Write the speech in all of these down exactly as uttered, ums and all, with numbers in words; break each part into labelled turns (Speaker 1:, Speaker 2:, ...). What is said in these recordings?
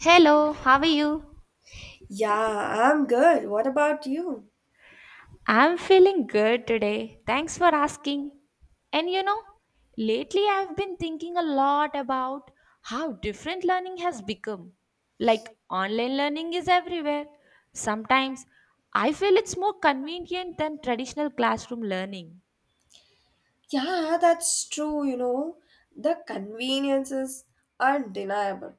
Speaker 1: Hello, how are you?
Speaker 2: Yeah, I'm good. What about you?
Speaker 1: I'm feeling good today. Thanks for asking. And you know, lately I've been thinking a lot about how different learning has become. Like online learning is everywhere. Sometimes I feel it's more convenient than traditional learning.
Speaker 2: Yeah, that's true, you know. The conveniences are undeniable.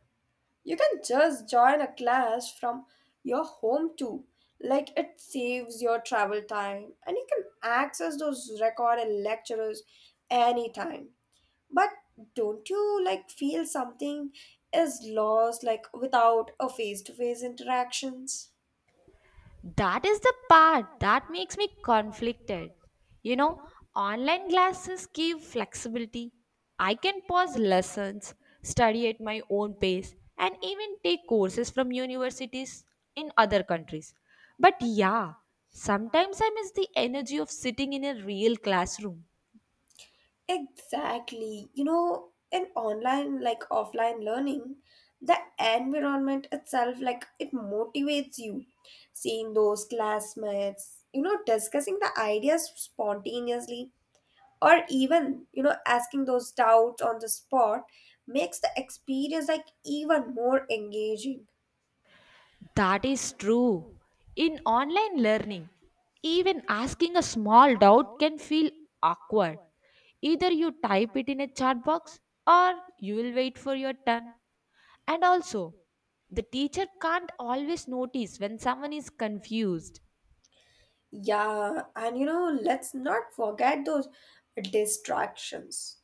Speaker 2: You can just join a class from your home too. Like it saves your travel time and you can access those recorded lectures anytime. But don't you like feel something is lost like without a face-to-face interactions?
Speaker 1: That is the part that makes me conflicted. You know, online classes give flexibility. I can pause lessons, study at my own pace, and even take courses from universities in other countries. But yeah, sometimes I miss the energy of sitting in a real classroom.
Speaker 2: Exactly. You know, in online like offline learning, the environment itself like it motivates you. Seeing those classmates, you know, discussing the ideas spontaneously or even, you know, asking those doubts on the spot makes the experience like even more engaging.
Speaker 1: That is true. In online learning, even asking a small doubt can feel awkward. Either you type it in a chat box or you will wait for your turn. And also, the teacher can't always notice when someone is confused.
Speaker 2: Yeah, and you know, let's not forget those distractions.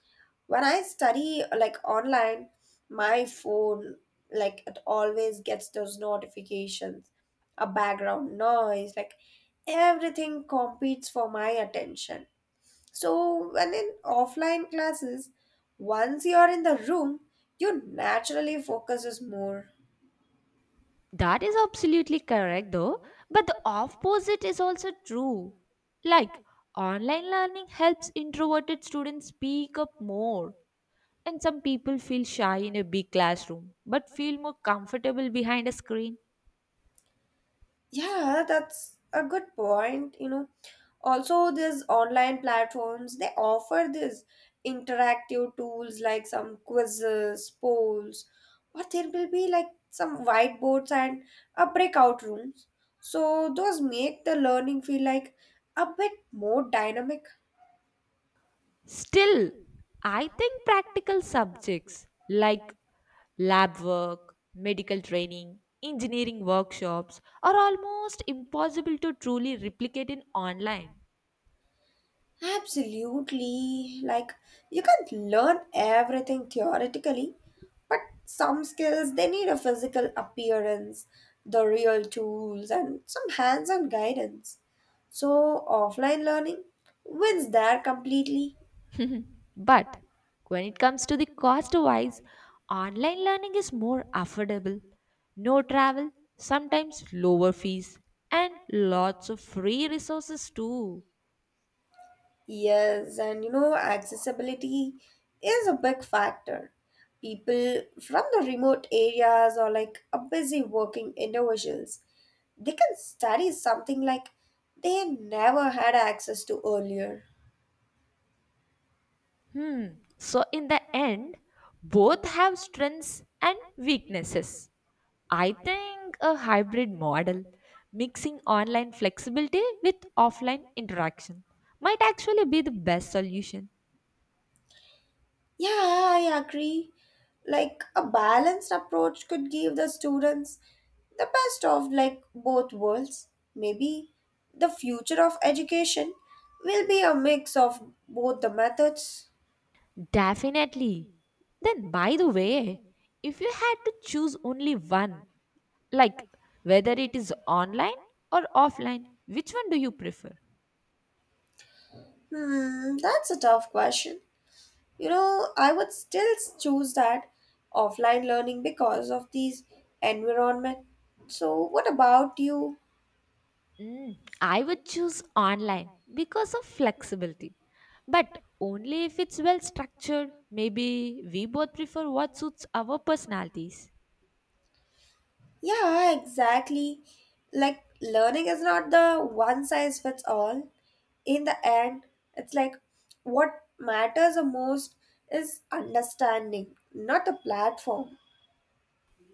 Speaker 2: When I study like online, my phone like it always gets those notifications, a background noise, like everything competes for my attention. So when in offline classes, once you are in the room, your naturally focuses more.
Speaker 1: That is absolutely correct though, but the opposite is also true. Like, online learning helps introverted students speak up more. And some people feel shy in a big classroom but feel more comfortable behind a screen.
Speaker 2: Yeah, that's a good point. You know, also, these online platforms they offer these interactive tools like some quizzes, polls, or there will be like some whiteboards and a breakout rooms. So those make the learning feel like a bit more dynamic.
Speaker 1: Still, I think practical subjects like lab work, medical training, engineering workshops are almost impossible to truly replicate in online.
Speaker 2: Absolutely. Like, you can't learn everything theoretically, but some skills they need a physical appearance, the real tools, and some hands on guidance. So, offline learning wins there completely.
Speaker 1: But when it comes to the cost wise, online learning is more affordable. No travel, sometimes lower fees, and lots of free resources too.
Speaker 2: Yes, and you know, accessibility is a big factor. People from the remote areas or like a busy working individuals, they can study something like they never had access to earlier.
Speaker 1: Hmm. So, in the end, both have strengths and weaknesses. I think a hybrid model mixing online flexibility with offline interaction might actually be the best solution.
Speaker 2: Yeah, I agree. Like a balanced approach could give the students the best of like both worlds. Maybe the future of education will be a mix of both the methods.
Speaker 1: Definitely. Then, by the way, if you had to choose only one, like whether it is online or offline, which one do you prefer?
Speaker 2: Hmm, that's a tough question. You know, I would still choose that offline learning because of these environment. So, what about you?
Speaker 1: Mm, I would choose online because of flexibility, but only if it's well structured. Maybe we both prefer what suits our personalities.
Speaker 2: Yeah, exactly. Like learning is not the one size fits all. In the end, it's like what matters the most is understanding, not the platform.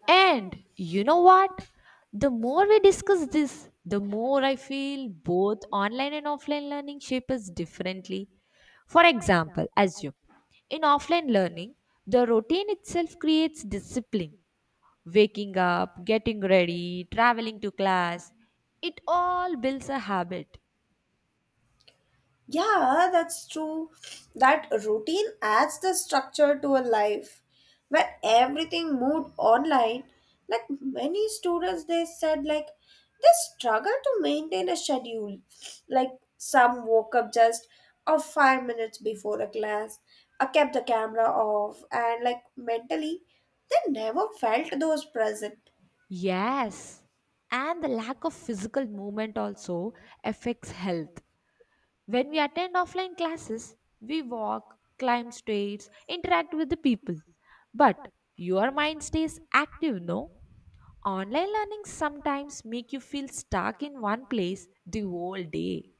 Speaker 1: And you know what? The more we discuss this, the more I feel both online and offline learning shape us differently. For example, assume in offline learning, the routine itself creates discipline. Waking up, getting ready, traveling to class, it all builds a habit.
Speaker 2: Yeah, that's true. That routine adds the structure to a life. When everything moved online, like many students, they said like they struggle to maintain a schedule. Like some woke up just or five minutes before a class, I kept the camera off, and like mentally, they never felt those present.
Speaker 1: Yes. And the lack of physical movement also affects health. When we attend offline classes, we walk, climb stairs, interact with the people. But your mind stays active, no? Online learning sometimes make you feel stuck in one place the whole day.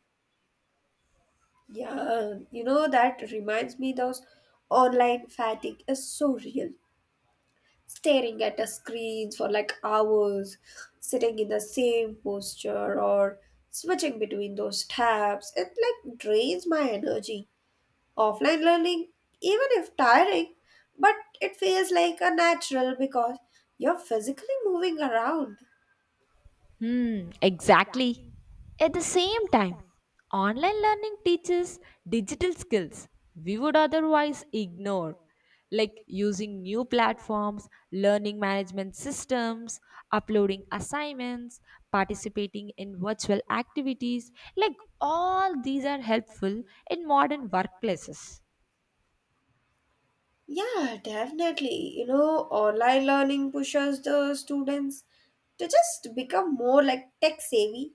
Speaker 2: Yeah, you know that reminds me, those online fatigue is so real, staring at a screen for like hours, sitting in the same posture or switching between those tabs. It like drains my energy. Offline learning, even if tiring, but it feels like a natural because you're physically moving around.
Speaker 1: Hmm, exactly. At the same time, online learning teaches digital skills we would otherwise ignore, like using new platforms, learning management systems, uploading assignments, participating in virtual activities. Like all these are helpful in modern workplaces.
Speaker 2: Yeah, definitely. You know, online learning pushes the students to just become more like tech savvy,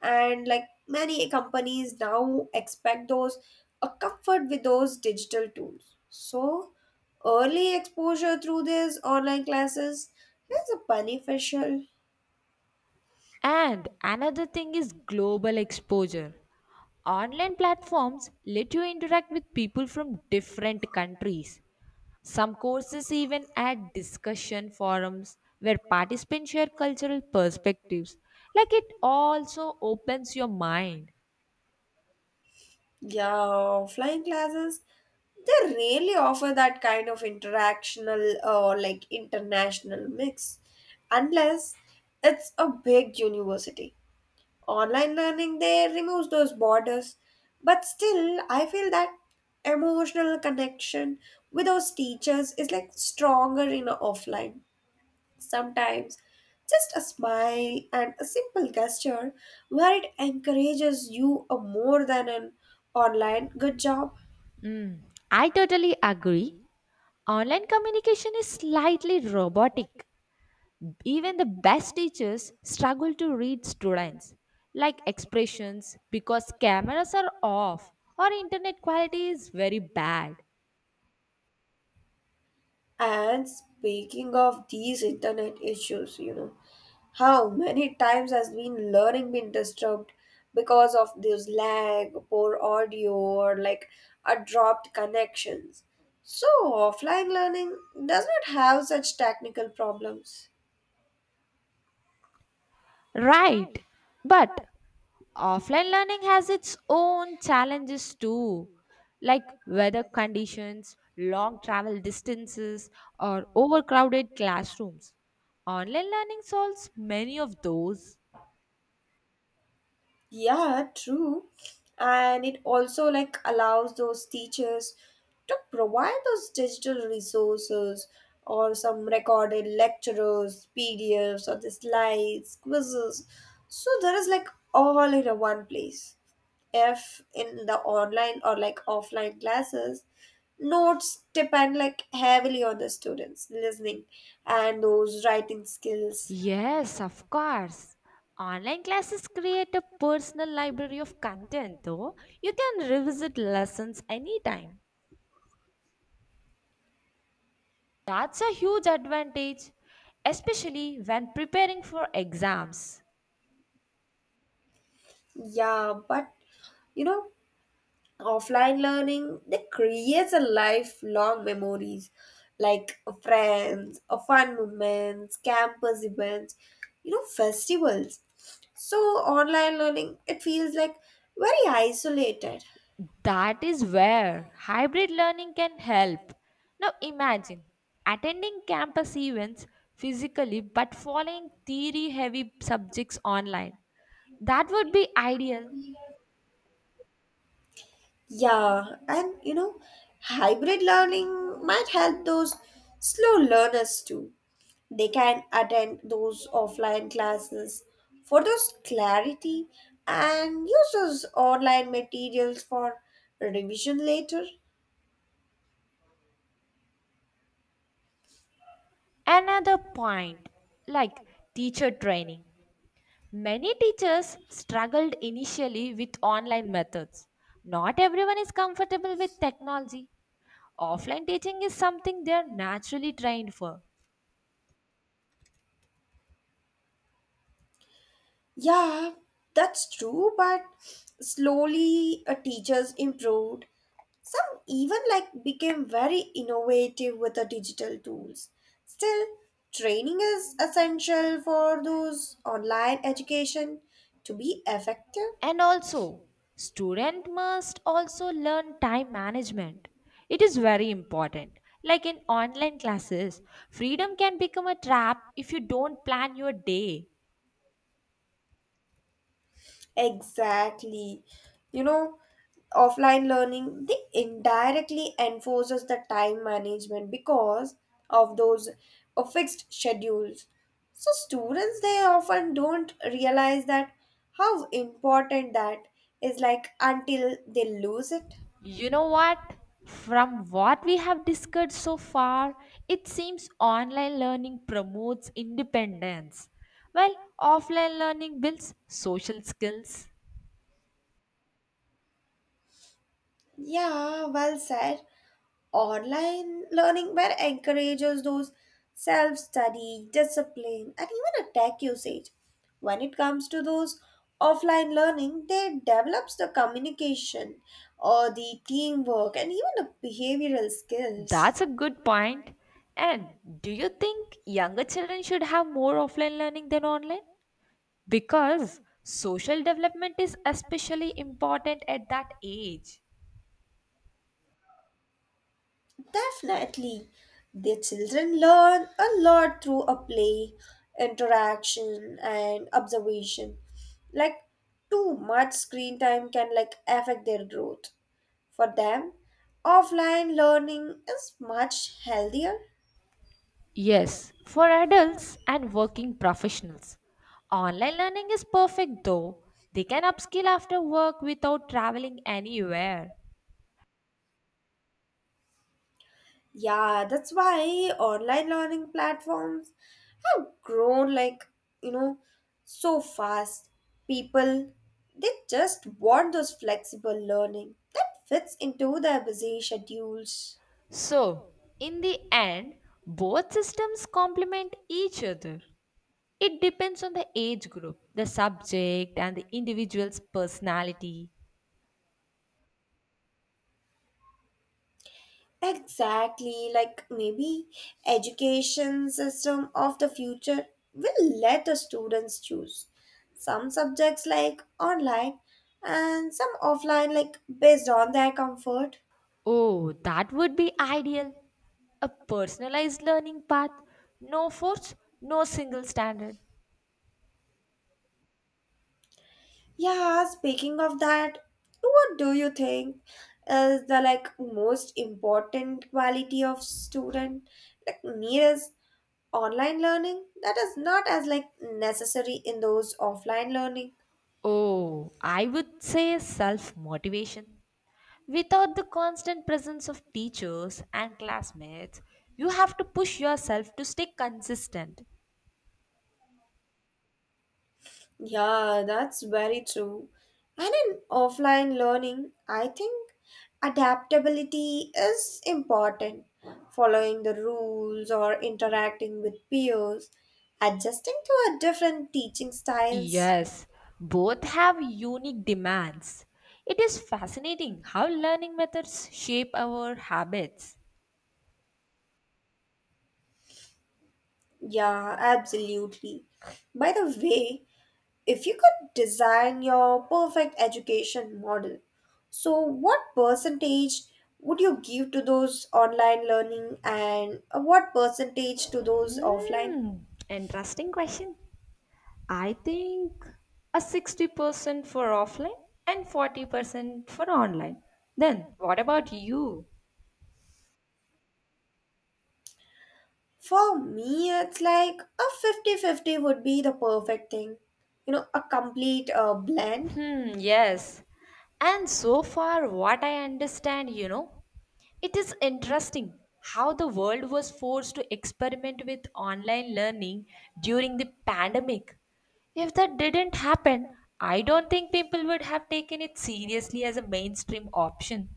Speaker 2: and like many companies now expect those a comfort with those digital tools. So early exposure through these online classes is beneficial.
Speaker 1: And another thing is global exposure. Online platforms let you interact with people from different countries. Some courses even add discussion forums where participants share cultural perspectives. Like it also opens your mind.
Speaker 2: Yeah, flying classes, they really offer that kind of interactional or like international mix, unless it's a big university. Online learning, they remove those borders, but still, I feel that emotional connection with those teachers is like stronger in a offline. Sometimes just a smile and a simple gesture where it encourages you a more than an online good job.
Speaker 1: I totally agree. Online communication is slightly robotic. Even the best teachers struggle to read students, like expressions, because cameras are off or internet quality is very bad.
Speaker 2: And speaking of these internet issues, you know, how many times has been learning been disturbed because of this lag, poor audio, or like a dropped connections? So offline learning does not have such technical problems.
Speaker 1: Right. But offline learning has its own challenges too, like weather conditions, long travel distances, or overcrowded classrooms. Online learning solves many of those.
Speaker 2: Yeah, true. And it also like allows those teachers to provide those digital resources or some recorded lectures, P D Fs or the slides, quizzes. So there is like all in a one place. If in the online or like offline classes, notes depend like heavily on the students listening and those writing skills.
Speaker 1: Yes, of course. Online classes create a personal library of content, though. You can revisit lessons anytime. That's a huge advantage, especially when preparing for exams.
Speaker 2: Yeah, but you know offline learning that creates a lifelong memories, like friends, uh, fun moments, campus events, you know festivals. So online learning it feels like very isolated.
Speaker 1: That is where hybrid learning can help. Now imagine attending campus events physically but following theory heavy subjects online. That would be ideal.
Speaker 2: Yeah, and you know, hybrid learning might help those slow learners too. They can attend those offline classes for those clarity and use those online materials for revision later.
Speaker 1: Another point like teacher training. Many teachers struggled initially with online methods. Not everyone is comfortable with technology. Offline teaching is something they are naturally trained for.
Speaker 2: Yeah, that's true, but slowly uh, teachers improved. Some even like became very innovative with the digital tools. Still, training is essential for those online education to be effective.
Speaker 1: And also, student must also learn time management. It is very important. Like in online classes, freedom can become a trap if you don't plan your day.
Speaker 2: Exactly. You know, Offline learning they indirectly enforces the time management because of those uh, fixed schedules. So students they often don't realize that how important that is like until they lose it.
Speaker 1: You know what? From what we have discussed so far, it seems online learning promotes independence, while offline learning builds social skills.
Speaker 2: Yeah, well said. Online learning where encourages those self study, discipline, and even a tech usage. When it comes to those offline learning, they develops the communication or the teamwork and even the behavioral skills.
Speaker 1: That's a good point. And do you think younger children should have more offline learning than online? Because social development is especially important at that age.
Speaker 2: Definitely. The children learn a lot through a play, interaction, and observation. Like too much screen time can like affect their growth. For them, offline learning is much healthier.
Speaker 1: Yes, for adults and working professionals. Online learning is perfect though. They can upskill after work without traveling anywhere.
Speaker 2: Yeah, that's why online learning platforms have grown like, you know, so fast. People, they just want those flexible learning that fits into their busy schedules.
Speaker 1: So, in the end, both systems complement each other. It depends on the age group, the subject, and the individual's personality.
Speaker 2: Exactly, like maybe education system of the future will let the students choose some subjects like online and some offline like based on their comfort.
Speaker 1: Oh, that would be ideal. A personalized learning path, no force, no single standard.
Speaker 2: Yeah, speaking of that, what do you think is the like most important quality of student like needs online learning that is not as like necessary in those offline learning?
Speaker 1: Oh, I would say self motivation. Without the constant presence of teachers and classmates, you have to push yourself to stay consistent.
Speaker 2: Yeah, that's very true. And in offline learning, I think adaptability is important. Following the rules or interacting with peers, adjusting to a different teaching styles.
Speaker 1: Yes, both have unique demands. It is fascinating how learning methods shape our habits.
Speaker 2: Yeah, absolutely. By the way, if you could design your perfect education model, so what percentage would you give to those online learning and uh, what percentage to those offline?
Speaker 1: Hmm, interesting question. I think a sixty percent for offline and forty percent for online. Then, what about you?
Speaker 2: For me, it's like a fifty-fifty would be the perfect thing. You know, a complete uh, blend.
Speaker 1: Hmm, yes. And so far, what I understand, you know, it is interesting how the world was forced to experiment with online learning during the pandemic. If that didn't happen, I don't think people would have taken it seriously as a mainstream option.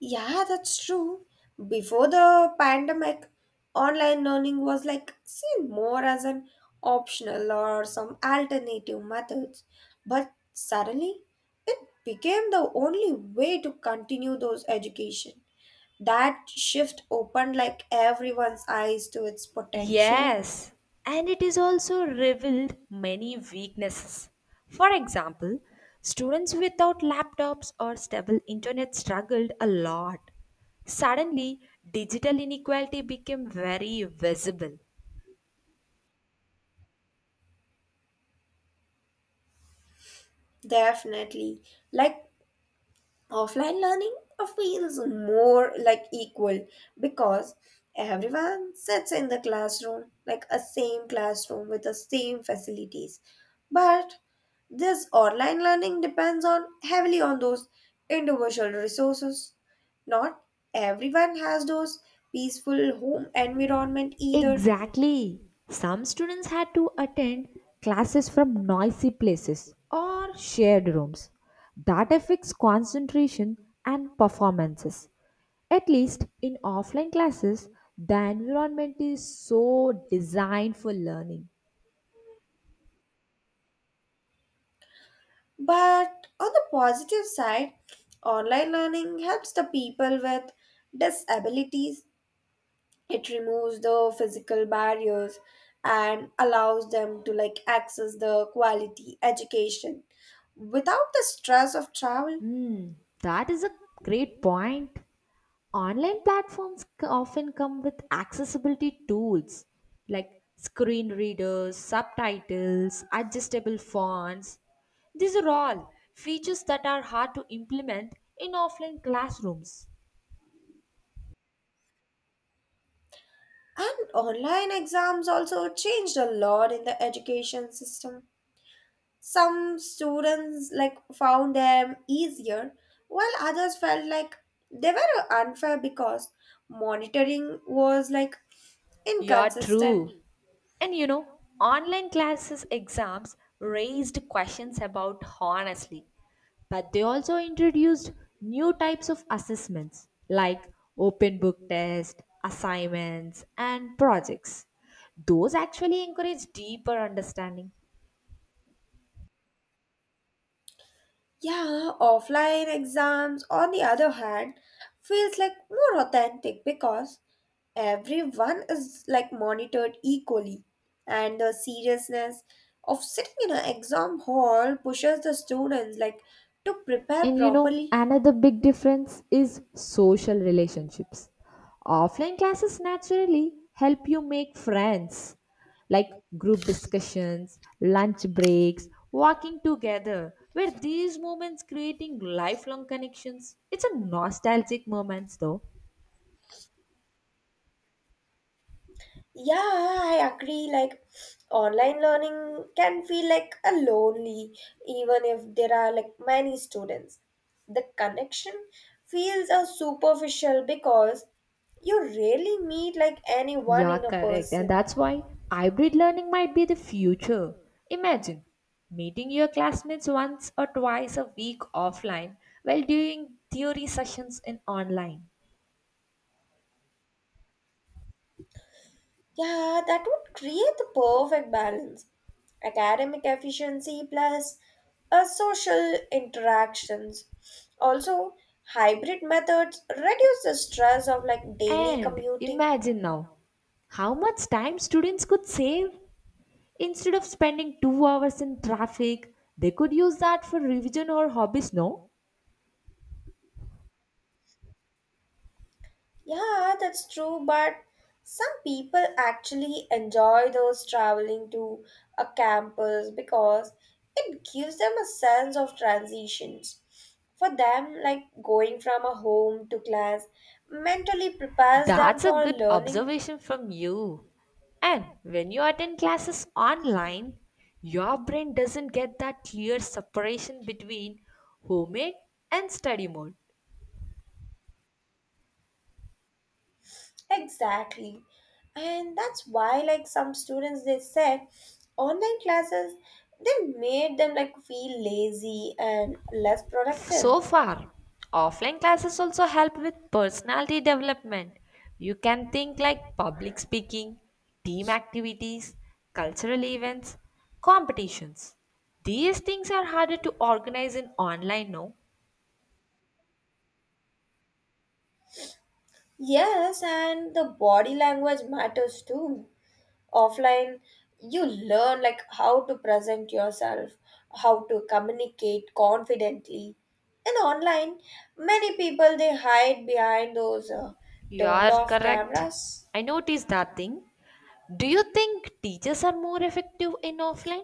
Speaker 2: Yeah, that's true. Before the pandemic, online learning was like seen more as an optional or some alternative methods. But suddenly, it became the only way to continue those education. That shift opened like everyone's eyes to its potential.
Speaker 1: Yes, and it is also revealed many weaknesses. For example, students without laptops or stable internet struggled a lot. Suddenly, digital inequality became very visible.
Speaker 2: Definitely. Like offline learning feels more like equal because everyone sits in the classroom, like a same classroom with the same facilities. But this online learning depends on heavily on those individual resources. Not everyone has those peaceful home environment either.
Speaker 1: Exactly. Some students had to attend classes from noisy places or shared rooms. That affects concentration and performances. At least in offline classes, the environment is so designed for learning.
Speaker 2: But on the positive side, online learning helps the people with disabilities. It removes the physical barriers and allows them to like access the quality education without the stress of travel.
Speaker 1: Hmm, that is a great point. Online platforms c- often come with accessibility tools like screen readers, subtitles, adjustable fonts. These are all features that are hard to implement in offline classrooms.
Speaker 2: And online exams also changed a lot in the education system. Some students like found them easier, while others felt like they were unfair because monitoring was like
Speaker 1: You are
Speaker 2: inconsistent.
Speaker 1: true. And you know, online classes exams raised questions about honestly, but they also introduced new types of assessments like open book test, assignments, and projects. Those actually encourage deeper understanding.
Speaker 2: Yeah, offline exams, on the other hand, feels like more authentic because everyone is like monitored equally, and the seriousness of sitting in an exam hall pushes the students like to prepare
Speaker 1: And you know,
Speaker 2: properly.
Speaker 1: another big difference is social relationships. Offline classes naturally help you make friends, like group discussions, lunch breaks, walking together, where these moments creating lifelong connections. It's a nostalgic moments though.
Speaker 2: Yeah, I agree. Like, online learning can feel like a lonely, even if there are like many students. The connection feels a superficial because you rarely meet like anyone
Speaker 1: Yeah,
Speaker 2: in a
Speaker 1: correct. And
Speaker 2: person.
Speaker 1: that's why hybrid learning might be the future. Imagine meeting your classmates once or twice a week offline while doing theory sessions in online.
Speaker 2: Yeah, that would create the perfect balance. Academic efficiency plus uh, social interactions. Also, hybrid methods reduce the stress of like daily
Speaker 1: And
Speaker 2: commuting.
Speaker 1: imagine now how much time students could save. Instead of spending two hours in traffic, they could use that for revision or hobbies, no?
Speaker 2: Yeah, that's true, but some people actually enjoy those traveling to a campus because it gives them a sense of transitions. For them, like going from a home to class mentally prepares them
Speaker 1: That's a
Speaker 2: for
Speaker 1: good
Speaker 2: learning.
Speaker 1: observation from you. And when you attend classes online, your brain doesn't get that clear separation between homemade and study mode.
Speaker 2: Exactly. And that's why like some students they said online classes they made them like feel lazy and less productive.
Speaker 1: So far, offline classes also help with personality development. You can think like public speaking, team activities, cultural events, competitions. These things are harder to organize in online, no?
Speaker 2: Yes, and the body language matters too. Offline, you learn like how to present yourself, how to communicate confidently. And online, many people they hide behind those uh,
Speaker 1: You
Speaker 2: turned
Speaker 1: are
Speaker 2: off
Speaker 1: correct.
Speaker 2: cameras.
Speaker 1: I noticed that thing. Do you think teachers are more effective in offline?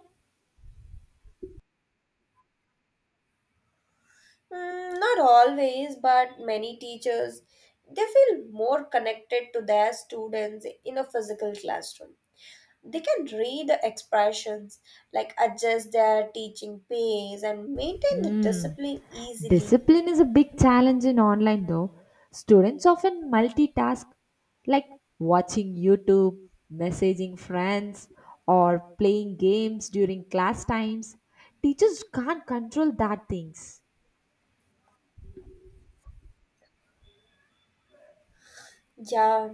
Speaker 2: Mm, not always, but many teachers they feel more connected to their students in a physical classroom. They can read the expressions, like adjust their teaching pace and maintain the
Speaker 1: Hmm.
Speaker 2: discipline easily.
Speaker 1: Discipline is a big challenge in online though. Students often multitask like watching YouTube, messaging friends, or playing games during class times. Teachers can't control that things.
Speaker 2: Yeah,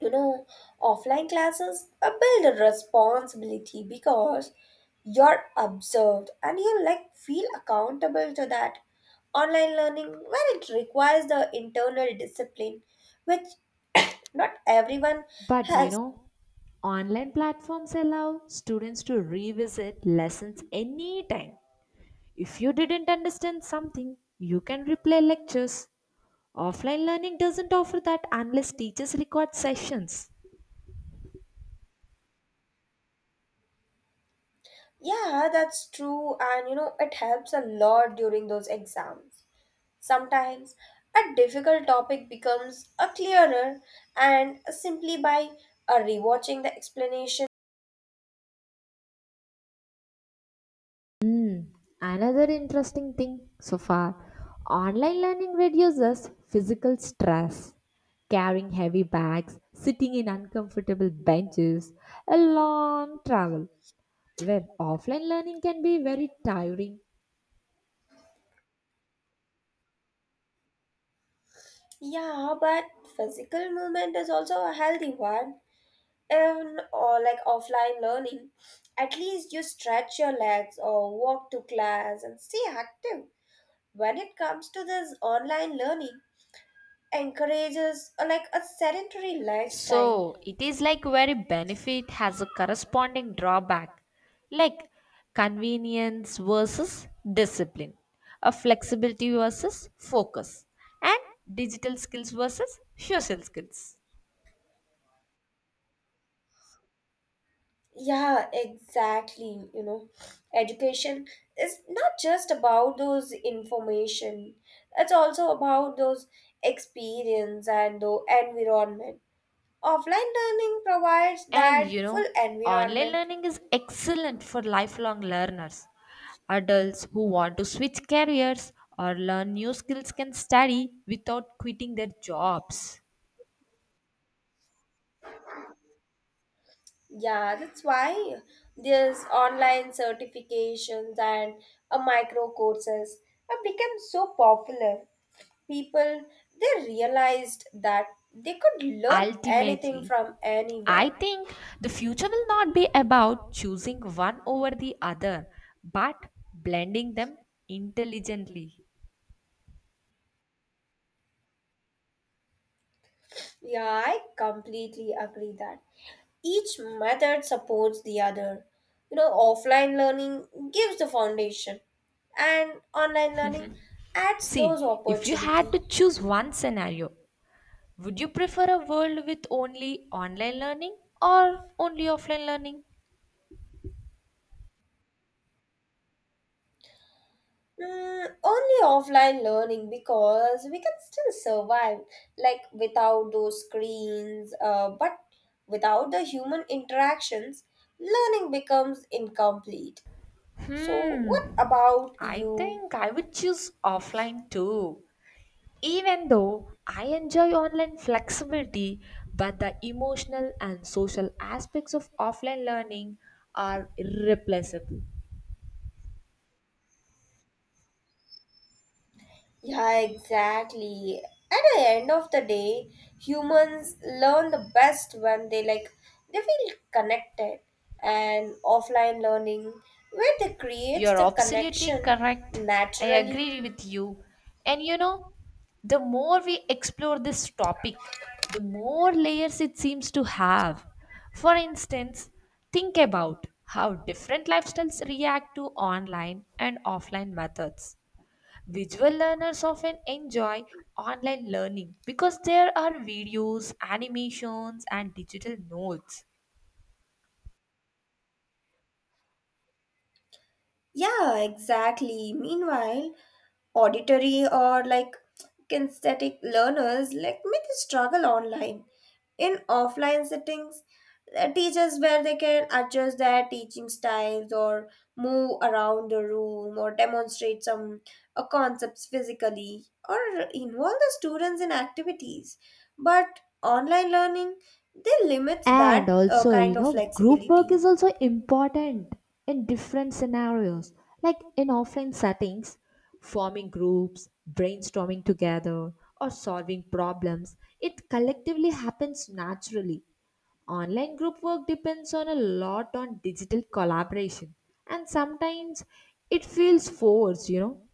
Speaker 2: you know, offline classes uh, build a responsibility because you're observed and you like feel accountable to that. Online learning, well, it requires the internal discipline, which not everyone
Speaker 1: But you
Speaker 2: has.
Speaker 1: know, online platforms allow students to revisit lessons anytime. If you didn't understand something, you can replay lectures. Offline learning doesn't offer that unless teachers record sessions.
Speaker 2: Yeah, that's true, and you know, it helps a lot during those exams. Sometimes a difficult topic becomes a clearer and simply by uh, rewatching the explanation.
Speaker 1: Hmm, another interesting thing so far. Online learning reduces physical stress. Carrying heavy bags, sitting in uncomfortable benches, a long travel. Where offline learning can be very tiring.
Speaker 2: Yeah, but physical movement is also a healthy one. In or like offline learning, at least you stretch your legs or walk to class and stay active. When it comes to this online learning, encourages uh, like a sedentary lifestyle.
Speaker 1: So it is like very benefit has a corresponding drawback, like convenience versus discipline, a flexibility versus focus, and digital skills versus social skills.
Speaker 2: Yeah, exactly. You know, education is not just about those information. It's also about those experience and the environment. Offline learning provides
Speaker 1: And
Speaker 2: that
Speaker 1: you know,
Speaker 2: full
Speaker 1: online
Speaker 2: environment.
Speaker 1: learning is excellent for lifelong learners. Adults who want to switch careers or learn new skills can study without quitting their jobs.
Speaker 2: Yeah, that's why there's online certifications and a micro courses have become so popular. People they realized that they could learn anything
Speaker 1: Ultimately,
Speaker 2: from
Speaker 1: I
Speaker 2: anywhere.
Speaker 1: think the future will not be about choosing one over the other, but blending them intelligently.
Speaker 2: Yeah, I completely agree that each method supports the other. You know, offline learning gives the foundation, and online learning adds those
Speaker 1: See, if you had
Speaker 2: opportunity.
Speaker 1: to choose one scenario, would you prefer a world with only online learning or only offline learning?
Speaker 2: Mm, only offline learning because we can still survive like without those screens, uh, but without the human interactions, learning becomes incomplete. So, what
Speaker 1: Hmm,
Speaker 2: about
Speaker 1: I
Speaker 2: you?
Speaker 1: think I would choose offline too. Even though I enjoy online flexibility, but the emotional and social aspects of offline learning are irreplaceable.
Speaker 2: Yeah, exactly. At the end of the day, humans learn the best when they like they feel connected, and offline learning where they creates
Speaker 1: You're
Speaker 2: the
Speaker 1: absolutely
Speaker 2: connection
Speaker 1: correct. I
Speaker 2: naturally.
Speaker 1: agree with you. And you know, the more we explore this topic, the more layers it seems to have. For instance, think about how different lifestyles react to online and offline methods. Visual learners often enjoy online learning because there are videos, animations, and digital notes.
Speaker 2: Yeah, exactly. Meanwhile, auditory or like kinesthetic learners like may they struggle online. In offline settings, uh, teachers where they can adjust their teaching styles, or move around the room, or demonstrate some uh, concepts physically, or involve the students in activities. But online learning they limit
Speaker 1: And
Speaker 2: that uh,
Speaker 1: also, you
Speaker 2: kind of
Speaker 1: know, group work
Speaker 2: flexibility.
Speaker 1: is also important in different scenarios. Like in offline settings, forming groups, brainstorming together, or solving problems, it collectively happens naturally. Online group work depends on a lot on digital collaboration, and sometimes it feels forced, you know.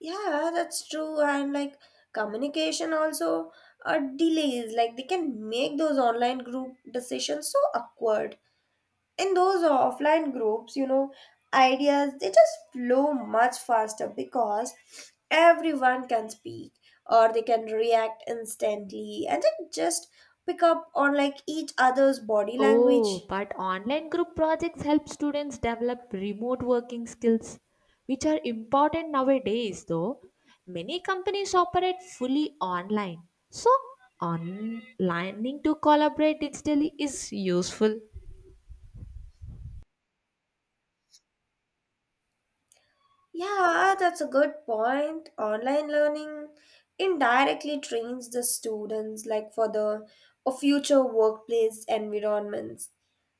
Speaker 2: Yeah, that's true. And like communication also uh, delays. Like they can make those online group decisions so awkward. In those offline groups, you know, ideas they just flow much faster because everyone can speak or they can react instantly and then just pick up on like each other's body
Speaker 1: Oh,
Speaker 2: language.
Speaker 1: but online group projects help students develop remote working skills, which are important nowadays, though. Many companies operate fully online. So, on learning to collaborate digitally is useful.
Speaker 2: Yeah, that's a good point. Online learning indirectly trains the students like for the or future workplace environments.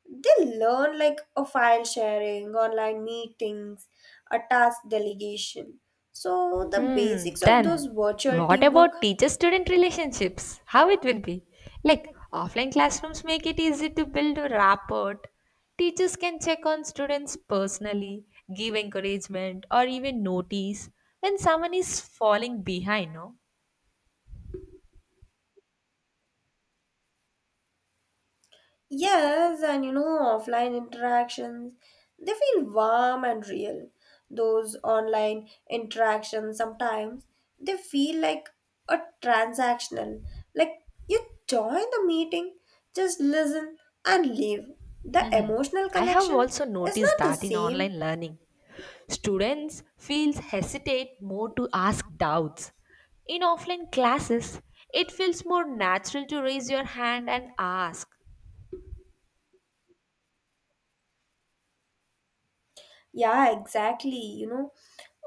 Speaker 2: They learn like a file sharing, online meetings, a task delegation. So the
Speaker 1: Hmm.
Speaker 2: basics of those
Speaker 1: Then,
Speaker 2: virtual
Speaker 1: what
Speaker 2: teamwork.
Speaker 1: about teacher-student relationships? How it will be? Like offline classrooms make it easy to build a rapport. Teachers can check on students personally, give encouragement, or even notice when someone is falling behind. No,
Speaker 2: Yes, and you know, offline interactions, they feel warm and real. Those online interactions sometimes they feel like a transactional. Like you join the meeting, just listen and leave. The emotional
Speaker 1: I have
Speaker 2: connection
Speaker 1: also
Speaker 2: is
Speaker 1: noticed
Speaker 2: not the
Speaker 1: that in
Speaker 2: same.
Speaker 1: online learning, students feels hesitate more to ask doubts. In offline classes, it feels more natural to raise your hand and ask.
Speaker 2: Yeah, exactly. You know,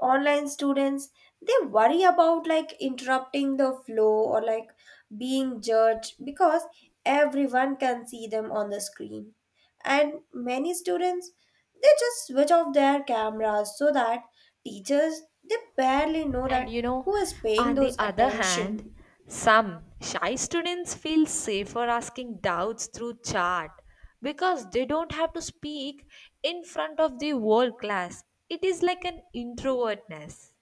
Speaker 2: Online students they worry about like interrupting the flow or like being judged because everyone can see them on the screen. And many students they just switch off their cameras so that teachers they barely know
Speaker 1: And
Speaker 2: that
Speaker 1: you know,
Speaker 2: who is paying
Speaker 1: on the
Speaker 2: those
Speaker 1: other
Speaker 2: attention.
Speaker 1: hand, some shy students feel safer asking doubts through chat because they don't have to speak in front of the whole class. It is like an introvertness.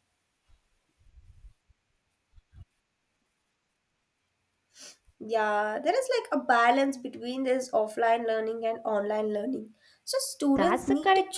Speaker 2: Yeah, there is like a balance between this offline learning and online learning. So
Speaker 1: That's
Speaker 2: students
Speaker 1: the
Speaker 2: need to
Speaker 1: correct